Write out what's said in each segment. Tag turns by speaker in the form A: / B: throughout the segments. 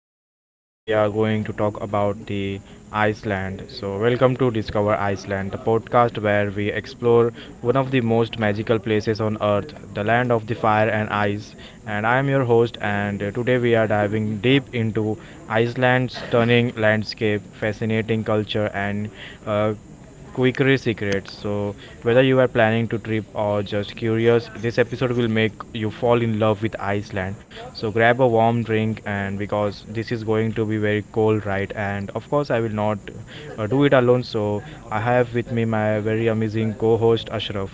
A: today we are going to talk about the Iceland. So, welcome to Discover Iceland, the podcast where we explore one of the most magical places on earth, the land of the fire and ice. And I am your host, and today we are diving deep into Iceland's stunning landscape, fascinating culture, and uh, Quickery secrets. So, whether you are planning to trip or just curious, this episode will make you fall in love with Iceland. So, grab a warm drink, and because this is going to be very cold, right? And of course, I will not do it alone. So, I have with me my very amazing co host Ashraf.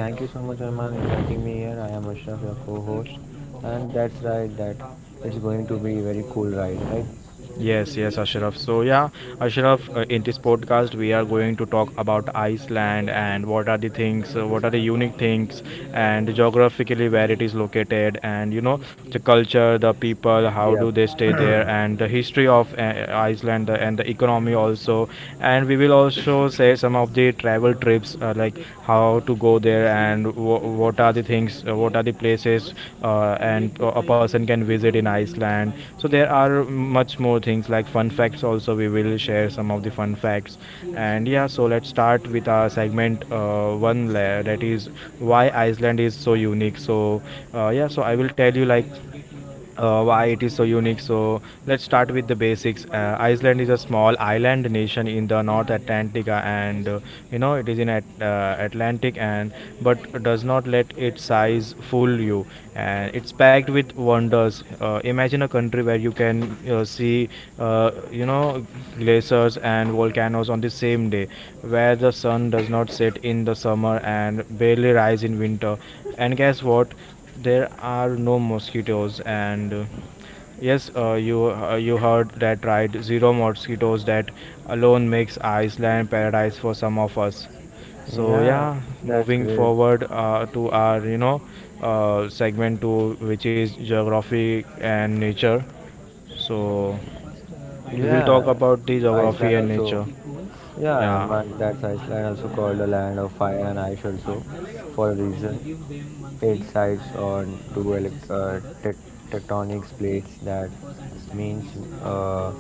B: Thank you so much, Arman, inviting me here. I am Ashraf, your co-host, and that's right. That it's going to be a very cool ride, right?
A: Yes, yes, Ashraf. So, yeah, Ashraf, in this podcast, we are going to talk about Iceland and what are the things, what are the unique things, and geographically where it is located, and you know, the culture, the people, how
B: Yeah.
A: do they stay there, and the history of Iceland and the economy also. And we will also say some of the travel trips, like how to go there and what are the things, what are the places and a person can visit in Iceland. So there are much more things like fun facts also we will share some of the fun facts and yeah, so let's start with our segment one layer, that is why Iceland is so unique. So yeah, so I will tell you like why it is so unique. So let's start with the basics. Iceland is a small island nation in the North Atlantic, and you know it is in at, Atlantic, and but does not let its size fool you. And it's packed with wonders. Imagine a country where you can see you know glaciers and volcanoes on the same day, where the sun does not set in the summer and barely rise in winter, and guess what, there are no mosquitoes and yes, you you heard that right, zero mosquitoes. That alone makes Iceland paradise for some of us. So
B: Yeah,
A: yeah,
B: that's
A: moving
B: great.
A: forward to our you know segment 2, which is geography and nature. So we will talk
B: Yeah,
A: about the geography
B: Iceland
A: and
B: also.
A: nature.
B: Yeah,
A: Yeah,
B: man, that's Iceland also called the land of fire and ice also for a reason. It sides on tectonic plates that means uh,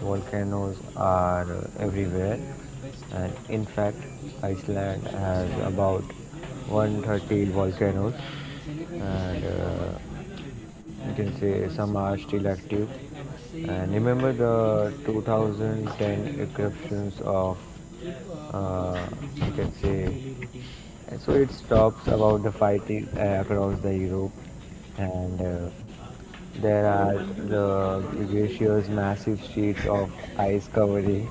B: volcanoes are everywhere, and in fact Iceland has about 130 volcanoes, and you can say some are still active. And remember the 2010 eruptions of uh, you can say, and so it stops about the fight is, across the europe. And there are the glaciers, massive sheets of ice covering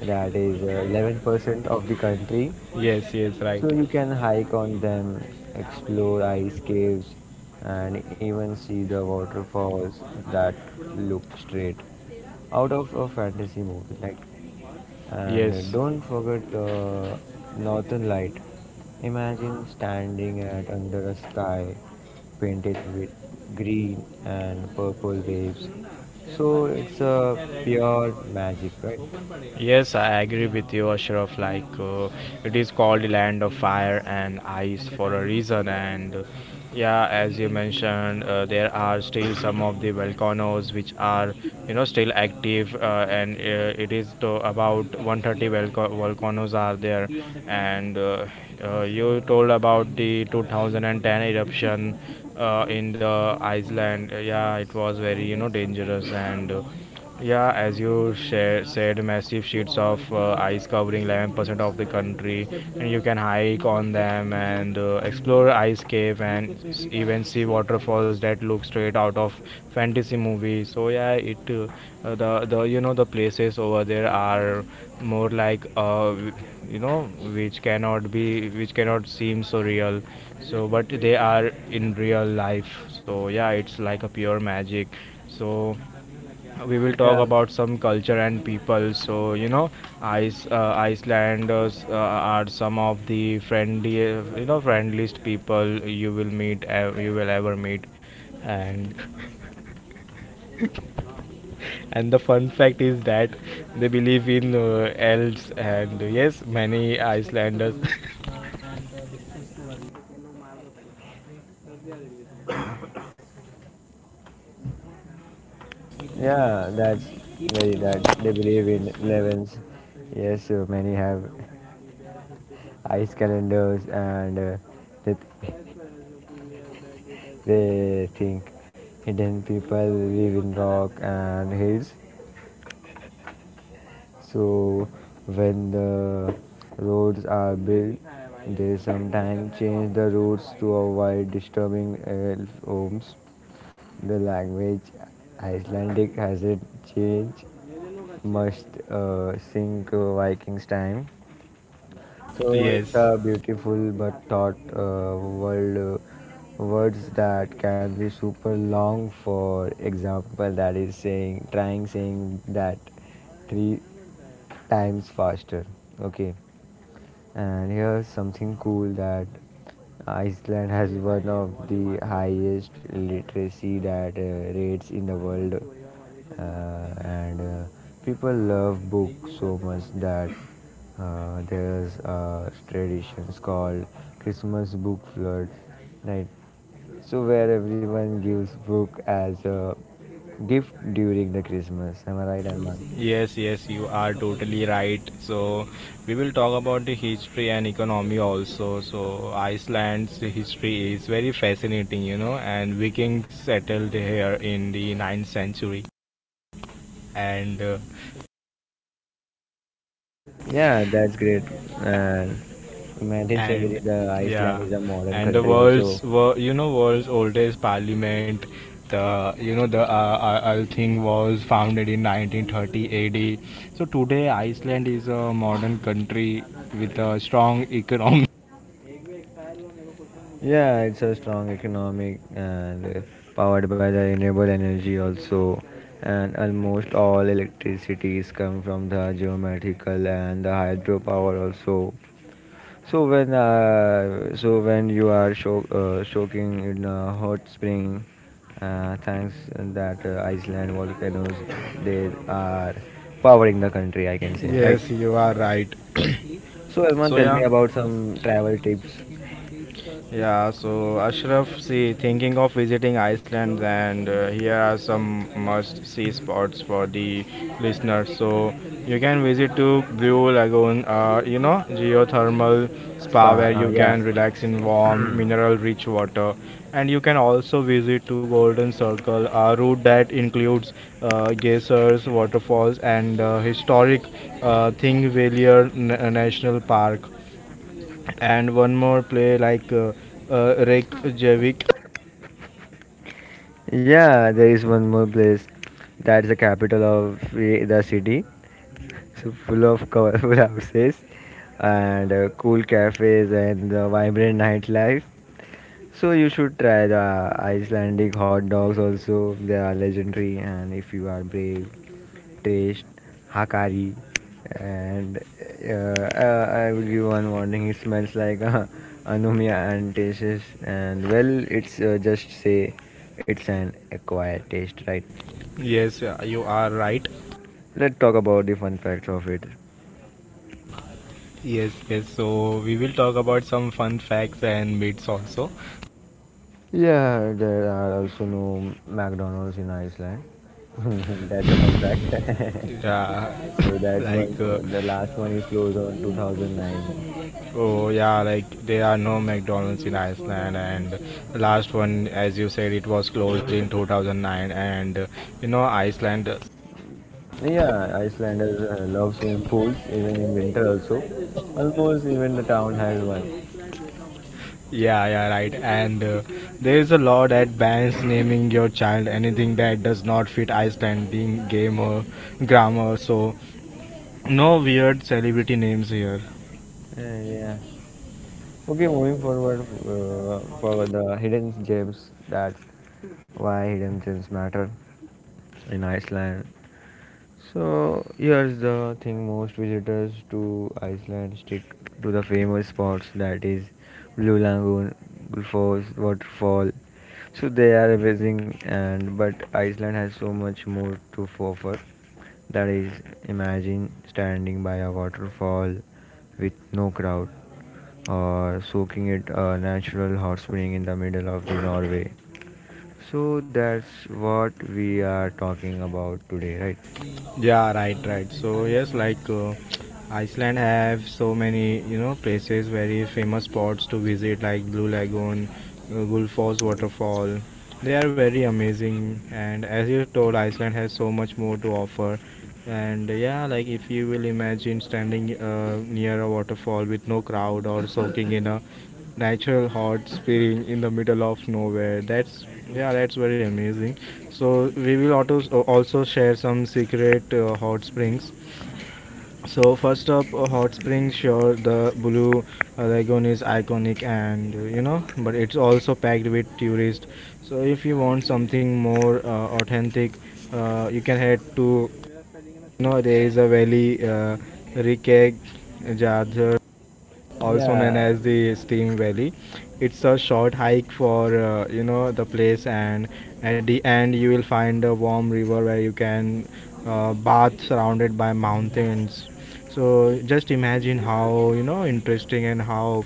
B: that is 11% of the country.
A: yes, yes, right.
B: So you can hike on them, explore ice caves, and even see the waterfalls that look straight out of a fantasy movie. Like, and
A: Yes,
B: don't forget the Northern Light. Imagine standing at under a sky painted with green and purple waves. So it's a pure magic, right?
A: yes, I agree with you, Ashraf. Like, it is called land of fire and ice for a reason. And yeah, as you mentioned, there are still some of the volcanoes which are, you know, still active. And it is to about 130 volcanoes are there. And you told about the 2010 eruption in the Iceland. Yeah, it was very, you know, dangerous and. Yeah, as you share, said, massive sheets of ice covering 11% of the country, and you can hike on them and explore ice cave and even see waterfalls that look straight out of fantasy movie. So yeah, it the you know the places over there are more like you know which cannot seem so real. So but they are in real life. So yeah, it's like a pure magic. So we will talk
B: Yeah,
A: about some culture and people. So you know, Icelanders are some of the friendly, you know, friendliest people you will meet, you will ever meet. And and the fun fact is that they believe in elves, and yes, many Icelanders,
B: yeah, that's very that they believe in levens. Yes, so many have ice calendars, and they, they think hidden people live in rock and hills. So when the roads are built, they sometimes change the routes to avoid disturbing elf homes. The language Icelandic has it changed must since Vikings time. So
A: yes.
B: it's a beautiful but thought world. Words that can be super long. For example, that is saying trying saying that three times faster. Okay, and here's something cool that Iceland has one of the highest literacy that rates in the world. And People love books so much that there's traditions called Christmas book flood, right? So where everyone gives book as a gift during the Christmas. Am I right, Arman?
A: Yes, yes, you are totally right. So, we will talk about the history and economy also. So, Iceland's history is very fascinating, you know, and Vikings settled here in the ninth century. And, uh,
B: Yeah, that's great. And in 19th
A: and
B: century, the Iceland
A: yeah,
B: is a modern
A: and the
B: country also.
A: you know, world's oldest parliament, the, you know, the Althing was founded in 1930 AD. So, today Iceland is a modern country with a strong economy.
B: Yeah, it's a strong economic and powered by the renewable energy also. And almost all electricities come from the geomatical and the hydropower also. So when you are soaking in a hot spring, thanks that Iceland volcanoes they are powering the country, I can say, right?
A: Yes, you are right.
B: So Elman,
A: So
B: tell me
A: yeah,
B: about some travel tips.
A: yeah. So Ashraf, see, thinking of visiting Iceland, and here are some must-see spots for the listeners. So you can visit to Blue Lagoon, you know, geothermal spa
B: Spa,
A: where you
B: yeah,
A: can relax in warm, mineral-rich water, and you can also visit to Golden Circle, a route that includes geysers, waterfalls, and historic Thingvellir National Park. And one more play like Reykjavik.
B: yeah. There is one more place that is the capital of the city. So full of colorful houses and cool cafes and the vibrant nightlife. So you should try the Icelandic hot dogs also. They are legendary, and if you are brave, taste Hakari. And I will give one warning. It smells like anomia and tastes, and well, it's just say it's an acquired taste, right?
A: Yes, you are right.
B: Let's talk about the fun facts of it.
A: Yes, yes. So we will talk about some fun facts and myths also.
B: Yeah, there are also no McDonald's in Iceland. That's a fun fact.
A: Yeah,
B: So that's
A: like
B: one. The last one is closed on 2009.
A: oh yeah, like there are no McDonald's in Iceland. And last one, as you said, it was closed in 2009. And you know, Iceland.
B: Yeah, Icelanders love swimming pools even in winter also. Almost even the town has one.
A: Yeah, yeah, right. And there is a law that bans naming your child anything that does not fit Icelandic game or grammar. So no weird celebrity names here.
B: Uh, yeah. Okay, moving forward for the hidden gems, that why hidden gems matter in Iceland. So here's the thing, most visitors to Iceland stick to the famous spots that is Blue Lagoon, Gullfoss waterfall. So they are amazing, and but Iceland has so much more to offer. That is imagine standing by a waterfall with no crowd or soaking it a natural hot spring in the middle of the Norway. So that's what we are talking about today, right?
A: Yeah, right, right. So yes, like Iceland have so many you know places very famous spots to visit like Blue Lagoon, Gullfoss waterfall. They are very amazing, and as you told, Iceland has so much more to offer. And yeah, like if you will imagine standing near a waterfall with no crowd or soaking in a natural hot spring in the middle of nowhere, that's yeah, that's very amazing. So we will auto also share some secret hot springs. So first up, hot springs. Sure, the Blue Lagoon is iconic, and you know, but it's also packed with tourists. So if you want something more authentic, you can head to you know there is a valley, Rikeg Jadhar, also known
B: Yeah,
A: as the Steam Valley. It's a short hike for you know the place, and at the end you will find a warm river where you can bath surrounded by mountains. So just imagine how you know interesting and how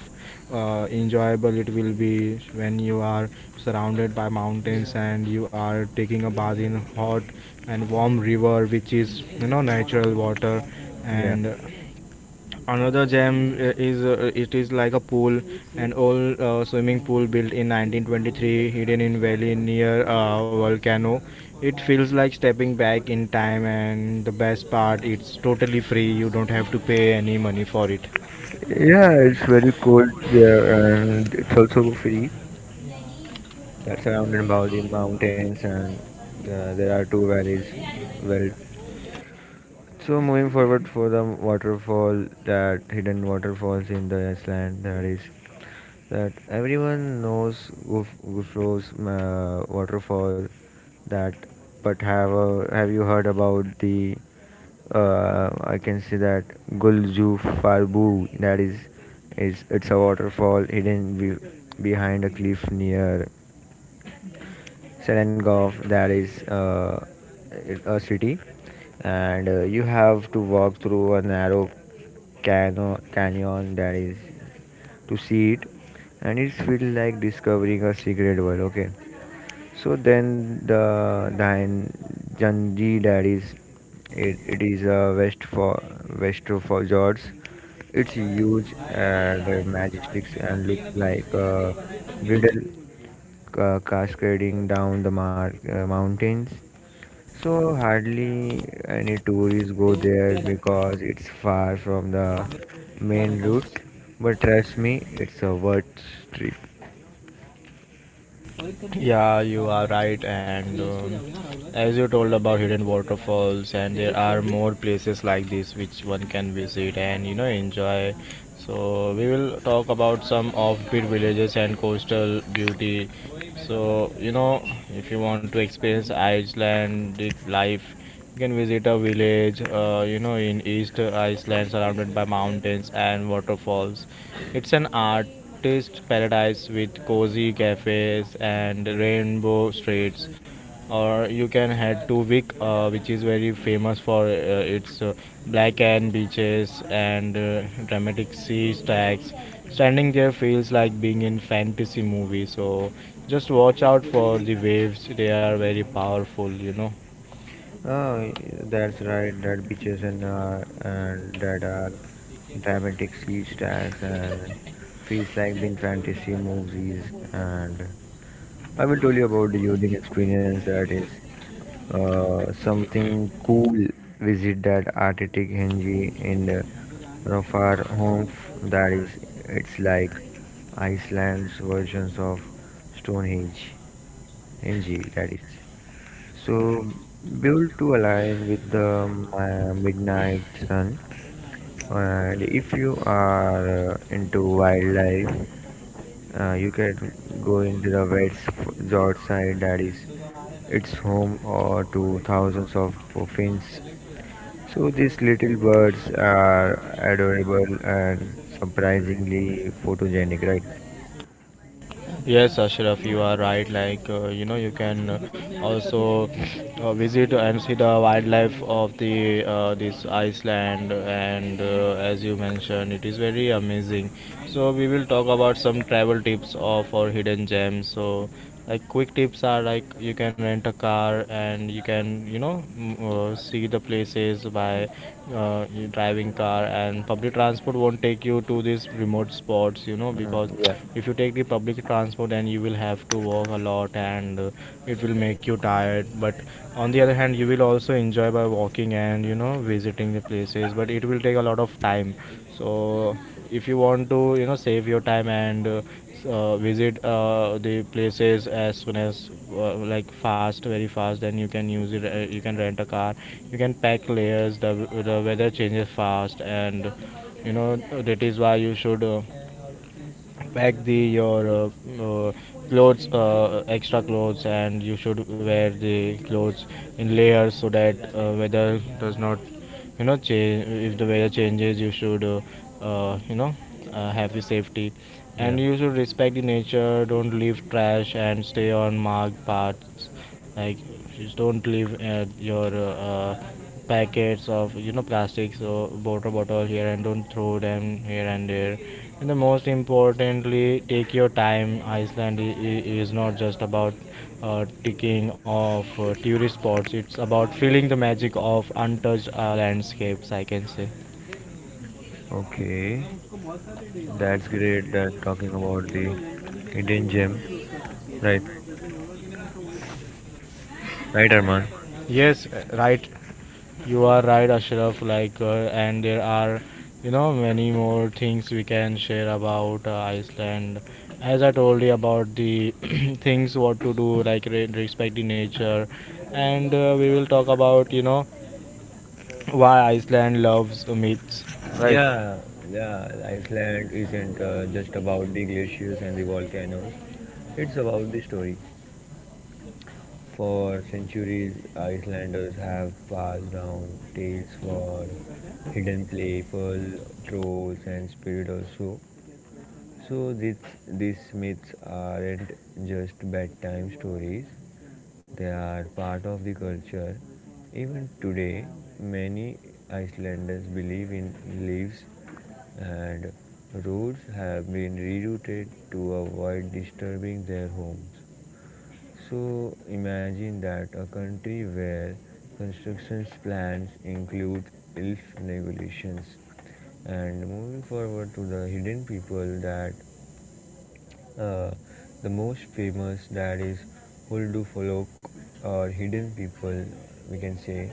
A: enjoyable it will be when you are surrounded by mountains and you are taking a bath in hot and warm river which is you know natural water,
B: Yeah,
A: and another gem is it is like a pool, an old swimming pool built in 1923, hidden in valley near a volcano. It feels like stepping back in time, and the best part, it's totally free. You don't have to pay any money for it.
B: yeah, it's very cold there, and it's also free. That's surrounded by the mountains, and there are two valleys. Well, so moving forward for the waterfall, that hidden waterfalls in the Iceland, that is that everyone knows Gufros waterfall. That, but have you heard about the? I can say that Guljufarbu. That is, it's a waterfall hidden behind a cliff near Selangor, that is a city, and you have to walk through a narrow canyon that is to see it, and it feels like discovering a secret world. Okay, so then Janji, that is it is a west for west for George. It's huge and majestic, and looks like a bridal cascading down the mountains. So hardly any tourists go there because it's far from the main routes. But trust me, it's a worth trip.
A: Yeah, you are right. And as you told about hidden waterfalls, and there are more places like this which one can visit and you know enjoy. So we will talk about some offbeat villages and coastal beauty. So you know, if you want to experience Icelandic life, you can visit a village. You know, in East Iceland, surrounded by mountains and waterfalls. It's an artist paradise with cozy cafes and rainbow streets. Or you can head to Vic, which is very famous for its black and beaches and dramatic sea stacks. Standing there feels like being in fantasy movie. So just watch out for the waves; they are very powerful, you know.
B: Oh, that's right. That beaches and that are dramatic speech tags and feels like being fantasy movies. And I will tell you about the unique experience that is something cool visit that artistic hinge in the Rofar home. That is it's like Iceland's versions of Stonehenge Henge, that is so built to align with the midnight sun. And if you are into wildlife, you can go into the west fjord side, that is its home to thousands of fins. So these little birds are adorable and surprisingly photogenic, right?
A: Yes, Ashraf, you are right. Like, you know, you can also visit and see the wildlife of the this Iceland, and as you mentioned, it is very amazing. So we will talk about some travel tips of our hidden gems. So like quick tips are like you can rent a car and you can you know see the places by you driving car, and public transport won't take you to these remote spots you know because
B: Mm, yeah.
A: if you take the public transport then you will have to walk a lot, and it will make you tired, but on the other hand you will also enjoy by walking and you know visiting the places, but it will take a lot of time. So if you want to you know save your time and visit the places as soon as like fast, very fast, then you can use it you can rent a car. You can pack layers, the weather changes fast, and you know that is why you should pack the your uh, clothes, extra clothes, and you should wear the clothes in layers so that weather does not you know change. If the weather changes you should you know have your safety, and
B: Yeah.
A: you should respect the nature, don't leave trash and stay on marked paths, like just don't leave your packets of you know plastics or water bottle here, and don't throw them here and there, and the most importantly, take your time. Iceland is not just about ticking off tourist spots, it's about feeling the magic of untouched landscapes, I can say.
B: Okay, that's great. That talking about the hidden gem, right? Right, Arman.
A: Yes, right. You are right, Ashraf. And there are, many more things we can share about Iceland. As I told you about the things what to do, like respect the nature, and we will talk about, why Iceland loves myths, right?
B: Yeah, yeah. Iceland isn't just about the glaciers and the volcanoes. It's about the story. For centuries, Icelanders have passed down tales for hidden play, pearl trolls, and spirit also. So these myths aren't just bedtime stories, they are part of the culture. Even today, many Icelanders believe in leaves, and roads have been rerouted to avoid disturbing their homes. So imagine that a country where construction plans include elf regulations. And moving forward to the hidden people, that uh, the most famous that is Huldu Folk or hidden people, we can say,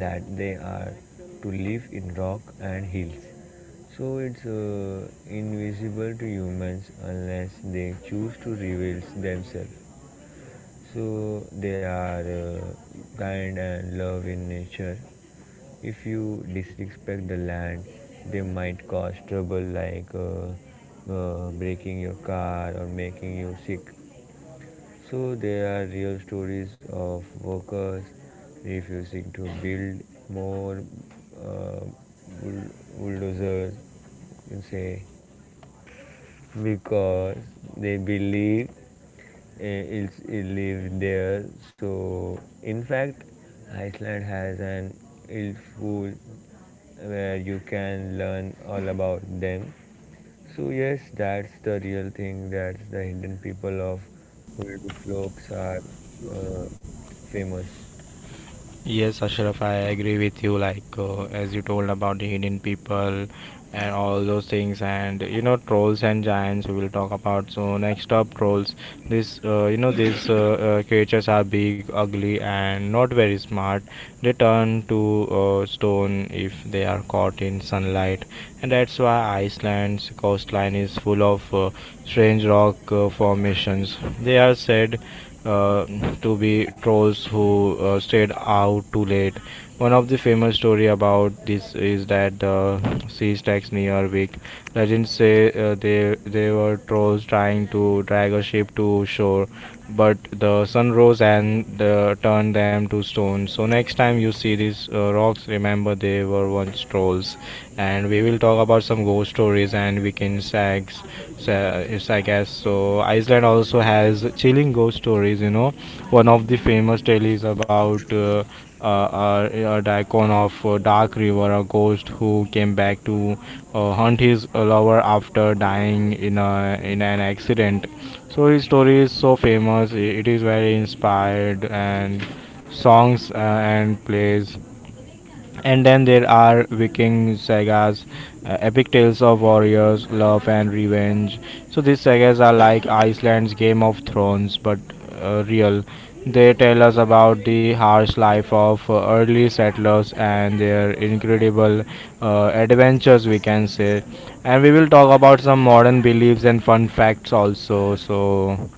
B: that they are to live in rock and hills. So it's invisible to humans unless they choose to reveal themselves. So they are kind and love in nature. If you disrespect the land, they might cause trouble like breaking your car or making you sick. So there are real stories of workers refusing to build more uh, bull- bulldozers, you can say, because they believe it lives there. So, in fact, Iceland has an ill school where you can learn all about them. So, yes, that's the real thing. That's the hidden people of Ulduflokes are uh, famous.
A: Yes, Ashraf, I agree with you. Like as you told about the hidden people and all those things, and you know trolls and giants. We will talk about. So next up, trolls. This these creatures are big, ugly, and not very smart. They turn to stone if they are caught in sunlight, and that's why Iceland's coastline is full of strange rock formations. They are said uh, to be trolls who stayed out too late. One of the famous story about this is that the sea stacks near Wick. Legends say they were trolls trying to drag a ship to shore, but the sun rose and turned them to stone. So next time you see these rocks, remember they were once trolls. And we will talk about some ghost stories and weekend sags so it's I guess so. Iceland also has chilling ghost stories. You know, one of the famous tale is about a daikon of Dark River, a ghost who came back to hunt his lover after dying in an accident. So his story is so famous. It is very inspired and songs and plays and then there are Viking sagas, epic tales of warriors, love, and revenge. So these sagas are like Iceland's Game of Thrones, but real. They tell us about the harsh life of early settlers and their incredible adventures, we can say. And we will talk about some modern beliefs and fun facts also. So,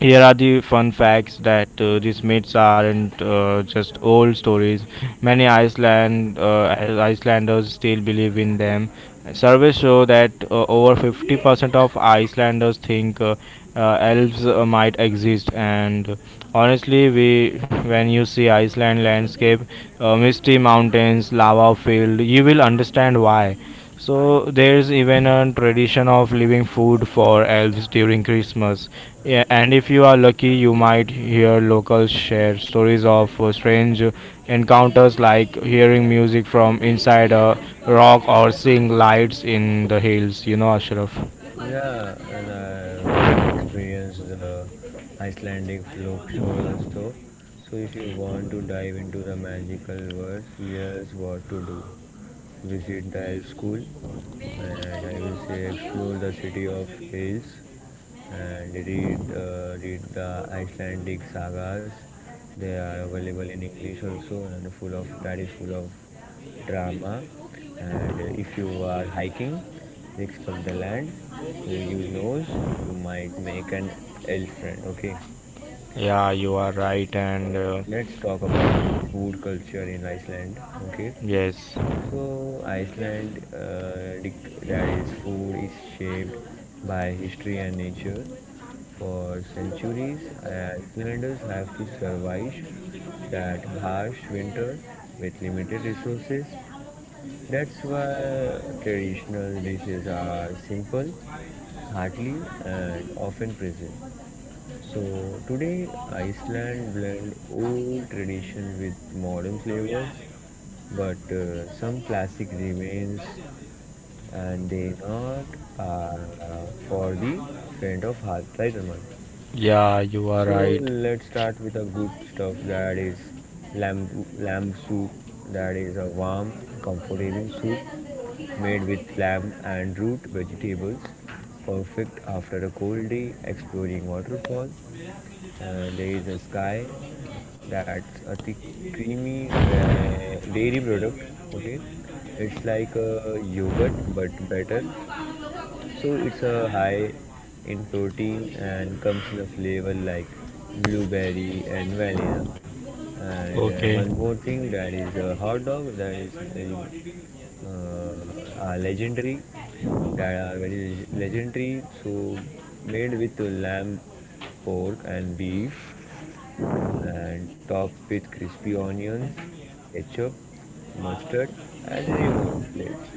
A: here are the fun facts that these myths aren't just old stories. Many Icelanders still believe in them. Surveys show that over 50% of Icelanders think elves might exist. And honestly, we when you see Iceland landscape, misty mountains, lava field, you will understand why. So there's even a tradition of leaving food for elves during Christmas. Yeah, and if you are lucky, you might hear locals share stories of strange encounters like hearing music from inside a rock or seeing lights in the hills, you know, Ashraf.
B: Yeah, and I will experience the Icelandic folk show also. So if you want to dive into the magical words, here's what to do. Visit the elf school, and I will say explore the city of Hales and read the Icelandic sagas. They are available in English also and full of that is full of drama. And if you are hiking, six for the land who you knows, you might make an elf friend. Okay,
A: Yeah, you are right, and
B: let's talk about the food culture in Iceland. Okay,
A: yes,
B: so Iceland, that is, food is shaped by history and nature. For centuries, Icelanders have to survive that harsh winter with limited resources. That's why traditional dishes are simple, hearty, and often present. So today, Iceland blend old tradition with modern flavors, but some classic remains, and they not are for the faint of heart, right, Arman?
A: yeah, you are
B: So
A: right.
B: let's start with a good stuff, that is lamb, lamb soup. That is a warm, comfortable soup made with lamb and root vegetables, perfect after a cold day exploring waterfall. And there is a sky, that's a thick, creamy dairy product. Okay, it's like a yogurt but better. So it's a high in protein and comes in a flavor like blueberry and vanilla. And
A: Okay,
B: one more thing, that is a hot dog that is very are legendary, that are very legendary. So made with lamb, pork and beef, and top with crispy onions, ketchup, mustard, and remoulades,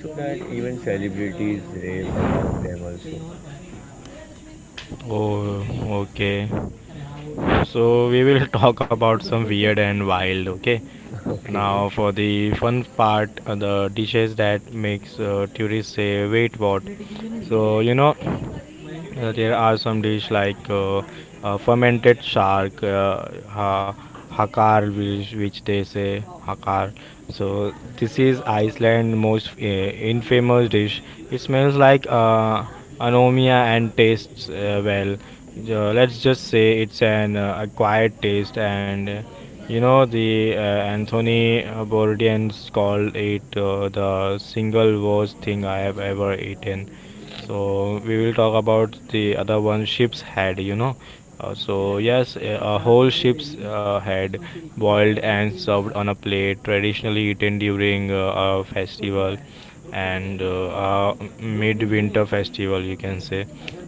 B: so that even celebrities rave about them also.
A: oh, okay. So, we will talk about some weird and wild, okay?
B: Okay.
A: Now for the fun part, the dishes that makes tourists say, "Wait, what?" So you know, there are some dish like fermented shark, hakar, which they say hakar. So this is Iceland's most infamous dish. It smells like anomia and tastes well. Let's just say it's an acquired taste, and you know the Anthony Bourdain's called it the single worst thing I have ever eaten. So we will talk about the other one, ship's head, you know. So yes, a whole ship's head boiled and served on a plate, traditionally eaten during a festival, and a midwinter festival, you can say.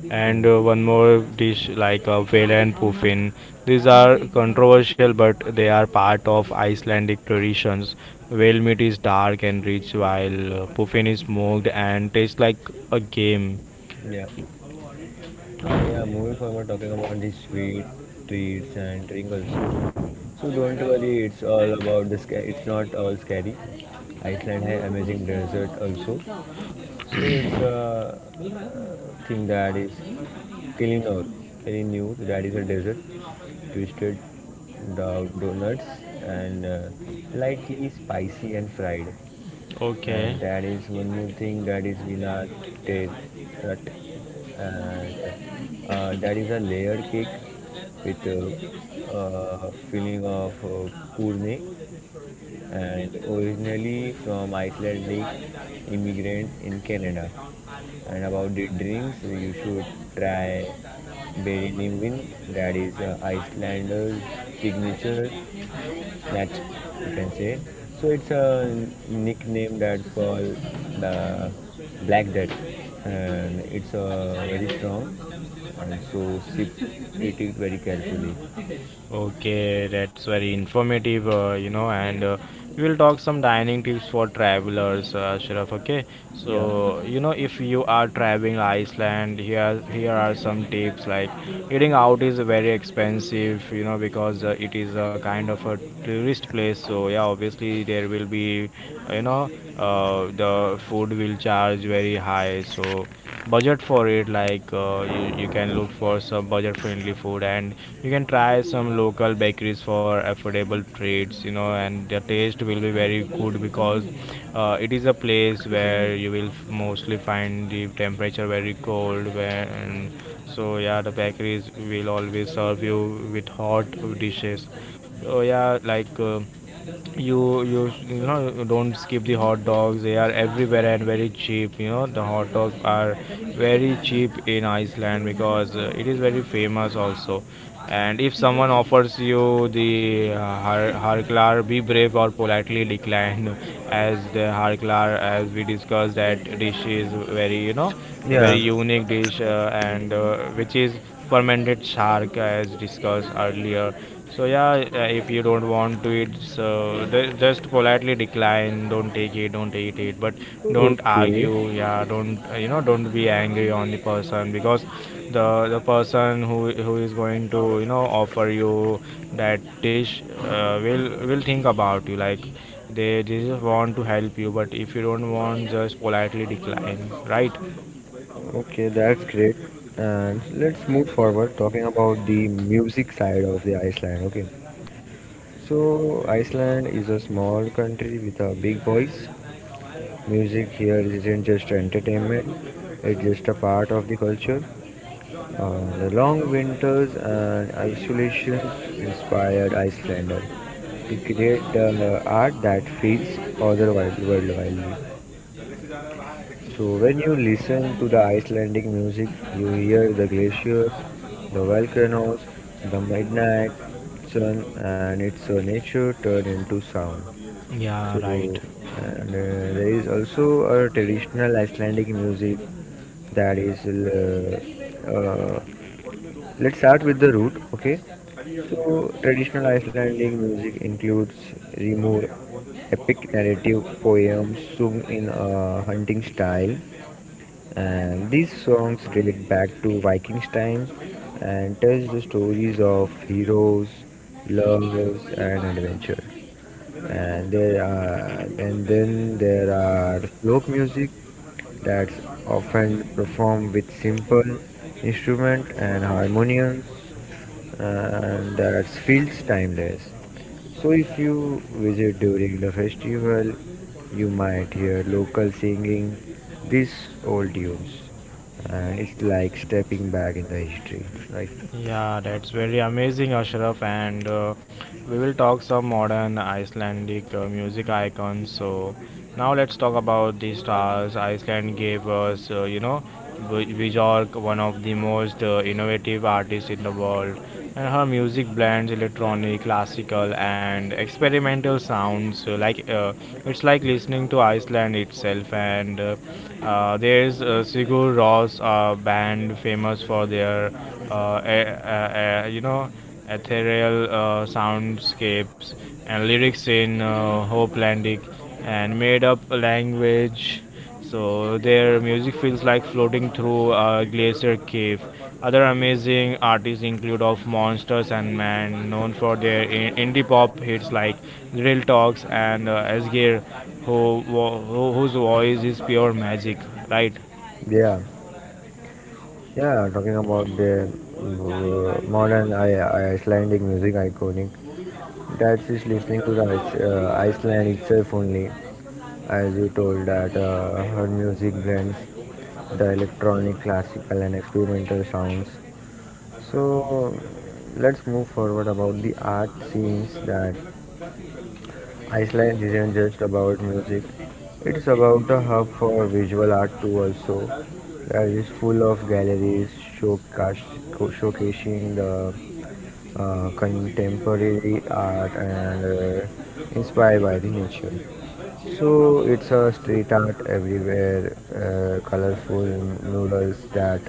A: And
B: Hmm.
A: one more dish like vela and puffin. These are controversial, but they are part of Icelandic traditions. Whale meat is dark and rich, while puffin is smoked and tastes like a game.
B: Yeah. Ah, yeah, moving forward, talking about the sweet treats and drink also. So don't worry, it's all about it's not all scary. Iceland has amazing desert also. So it's a thing that is Kellinor, Kellinur, that is a desert. Twisted donuts, and lightly spicy and fried.
A: Okay.
B: And that is one more thing that is Vina Tet, and that is a layered cake with a filling of purne, and originally from Icelandic immigrant in Canada. And about the drinks, you should try Berinimin, that is Icelander's signature Snatch, you can say. So it's a nickname that's called the Black Death, and it's very strong. And so sip, eat it very carefully.
A: Okay, that's very informative, and we will talk some dining tips for travelers, Ashraf. Okay,
B: Yeah,
A: so you know, if you are traveling Iceland, here are some tips like eating out is very expensive, you know, because it is a kind of a tourist place. So yeah, obviously there will be, uh, you know, the food will charge very high. So budget for it like you can look for some budget friendly food, and you can try some local bakeries for affordable treats, you know. And the taste will be very good because it is a place where you will mostly find the temperature very cold, where and so yeah, the bakeries will always serve you with hot dishes. So yeah, like you you know, you don't skip the hot dogs, they are everywhere and very cheap. You know, the hot dogs are very cheap in Iceland because it is very famous also. And if someone offers you the harklar, be brave or politely decline as the harklar, as we discussed, that dish is very, you know, a
B: yeah.
A: very unique dish and which is fermented shark, as discussed earlier. So yeah, if you don't want to eat, so just politely decline. Don't take it. Don't eat it. But don't
B: Okay,
A: argue. Yeah, don't Don't be angry on the person because the the person who is going to, you know, offer you that dish will think about you. Like they just want to help you. But if you don't want, just politely decline. Right?
B: okay, that's great. And let's move forward talking about the music side of the Iceland. Okay, so Iceland is a small country with a big voice. Music here isn't just entertainment, it's just a part of the culture. The long winters and isolations inspired Icelander to create the art that feels otherworldly. So when you listen to the Icelandic music, you hear the glaciers, the volcanoes, the midnight sun, and it's a nature turned into sound.
A: Yeah. Right.
B: So and there is also a traditional Icelandic music, that is let's start with the root. Okay, so traditional Icelandic music includes rimur, epic narrative poems sung in a hunting style, and these songs date back to Vikings time and tells the stories of heroes, loves and adventure. And then there are folk music that's often performed with simple instrument and harmoniums, and that feels timeless. So if you visit during the festival, you might hear local singing these old tunes, and it's like stepping back in the history, right?
A: Yeah, that's very amazing, Ashraf. And we will talk some modern Icelandic music icons. So now let's talk about the stars Iceland gave us. Björk, one of the most innovative artists in the world, and her music blends electronic, classical, and experimental sounds. It's like listening to Iceland itself. And there's Sigur Rós, band famous for their a, you know ethereal soundscapes and lyrics in hopelandic and made up language. So their music feels like floating through a glacier cave. Other amazing artists include of monsters and man, known for their indie pop hits like drill talks, and asgir whose voice is pure magic, right?
B: Yeah. Yeah, talking about the modern Icelandic music iconic, that's just listening to the Iceland itself only, as you told that her music blends the electronic, classical, and experimental sounds. So let's move forward about the art scenes, that Iceland isn't just about music, it's about a hub for visual art too, also. That is full of galleries showcas- showcasing the contemporary art and uh, inspired by the nature. So it's a street art everywhere, colorful murals that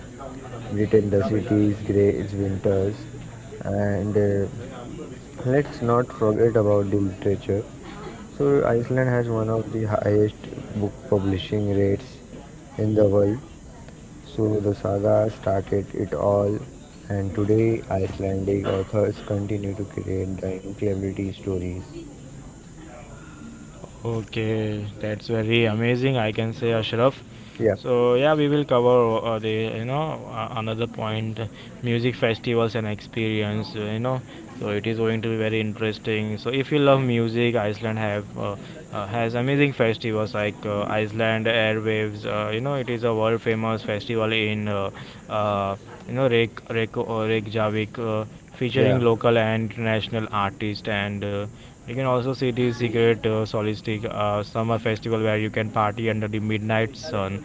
B: pretend the city's grey its winters, and let's not forget about the literature. So, Iceland has one of the highest book publishing rates in the world. So, the saga started it all, and today Icelandic authors continue to create the incredibility stories.
A: Okay, that's very amazing. I can say, Ashraf.
B: Yeah,
A: So yeah, we will cover the, you know, another point, music festivals and experience. You know, so it is going to be very interesting. So if you love music, Iceland have has amazing festivals like Iceland Airwaves. You know, it is a world famous festival in uh, you know, Reykjavik.
B: yeah,
A: Featuring local and international artists. And you can also see the secret solistic summer festival where you can party under the midnight sun.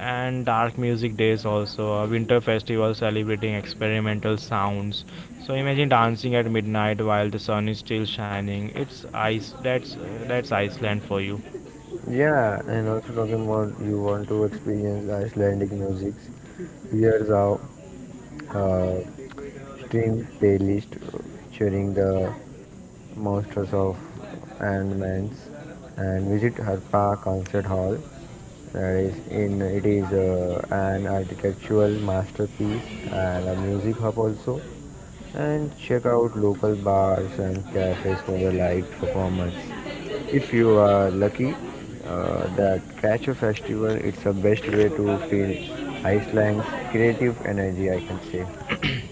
A: And dark music days also, a winter festival celebrating experimental sounds. So imagine dancing at midnight while the sun is still shining. It's ice. That's Iceland for you.
B: yeah. And also talking about you want to experience Icelandic musics. Here's our uh, stream playlist featuring the Monsters of Ant-Man's, and visit Harpa Concert Hall. That is in it is an architectural masterpiece and a music hub also. And check out local bars and cafes for the live performance. If you are lucky, that catch a festival. It's the best way to feel Iceland's creative energy, I can say.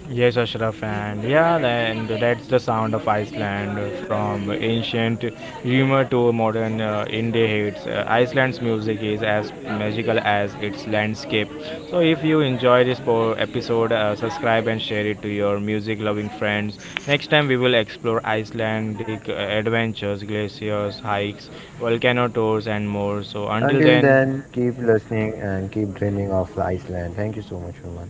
A: Yes, Ashraf, and yeah, and that's the sound of Iceland from ancient humor to modern indie hits. Iceland's music is as magical as its landscape. So, if you enjoy this episode, subscribe and share it to your music loving friends. Next time, we will explore Icelandic adventures, glaciers, hikes, volcano tours, and more. So, until
B: Until then,
A: then,
B: keep listening and keep dreaming of Iceland. Thank you so much, Roman.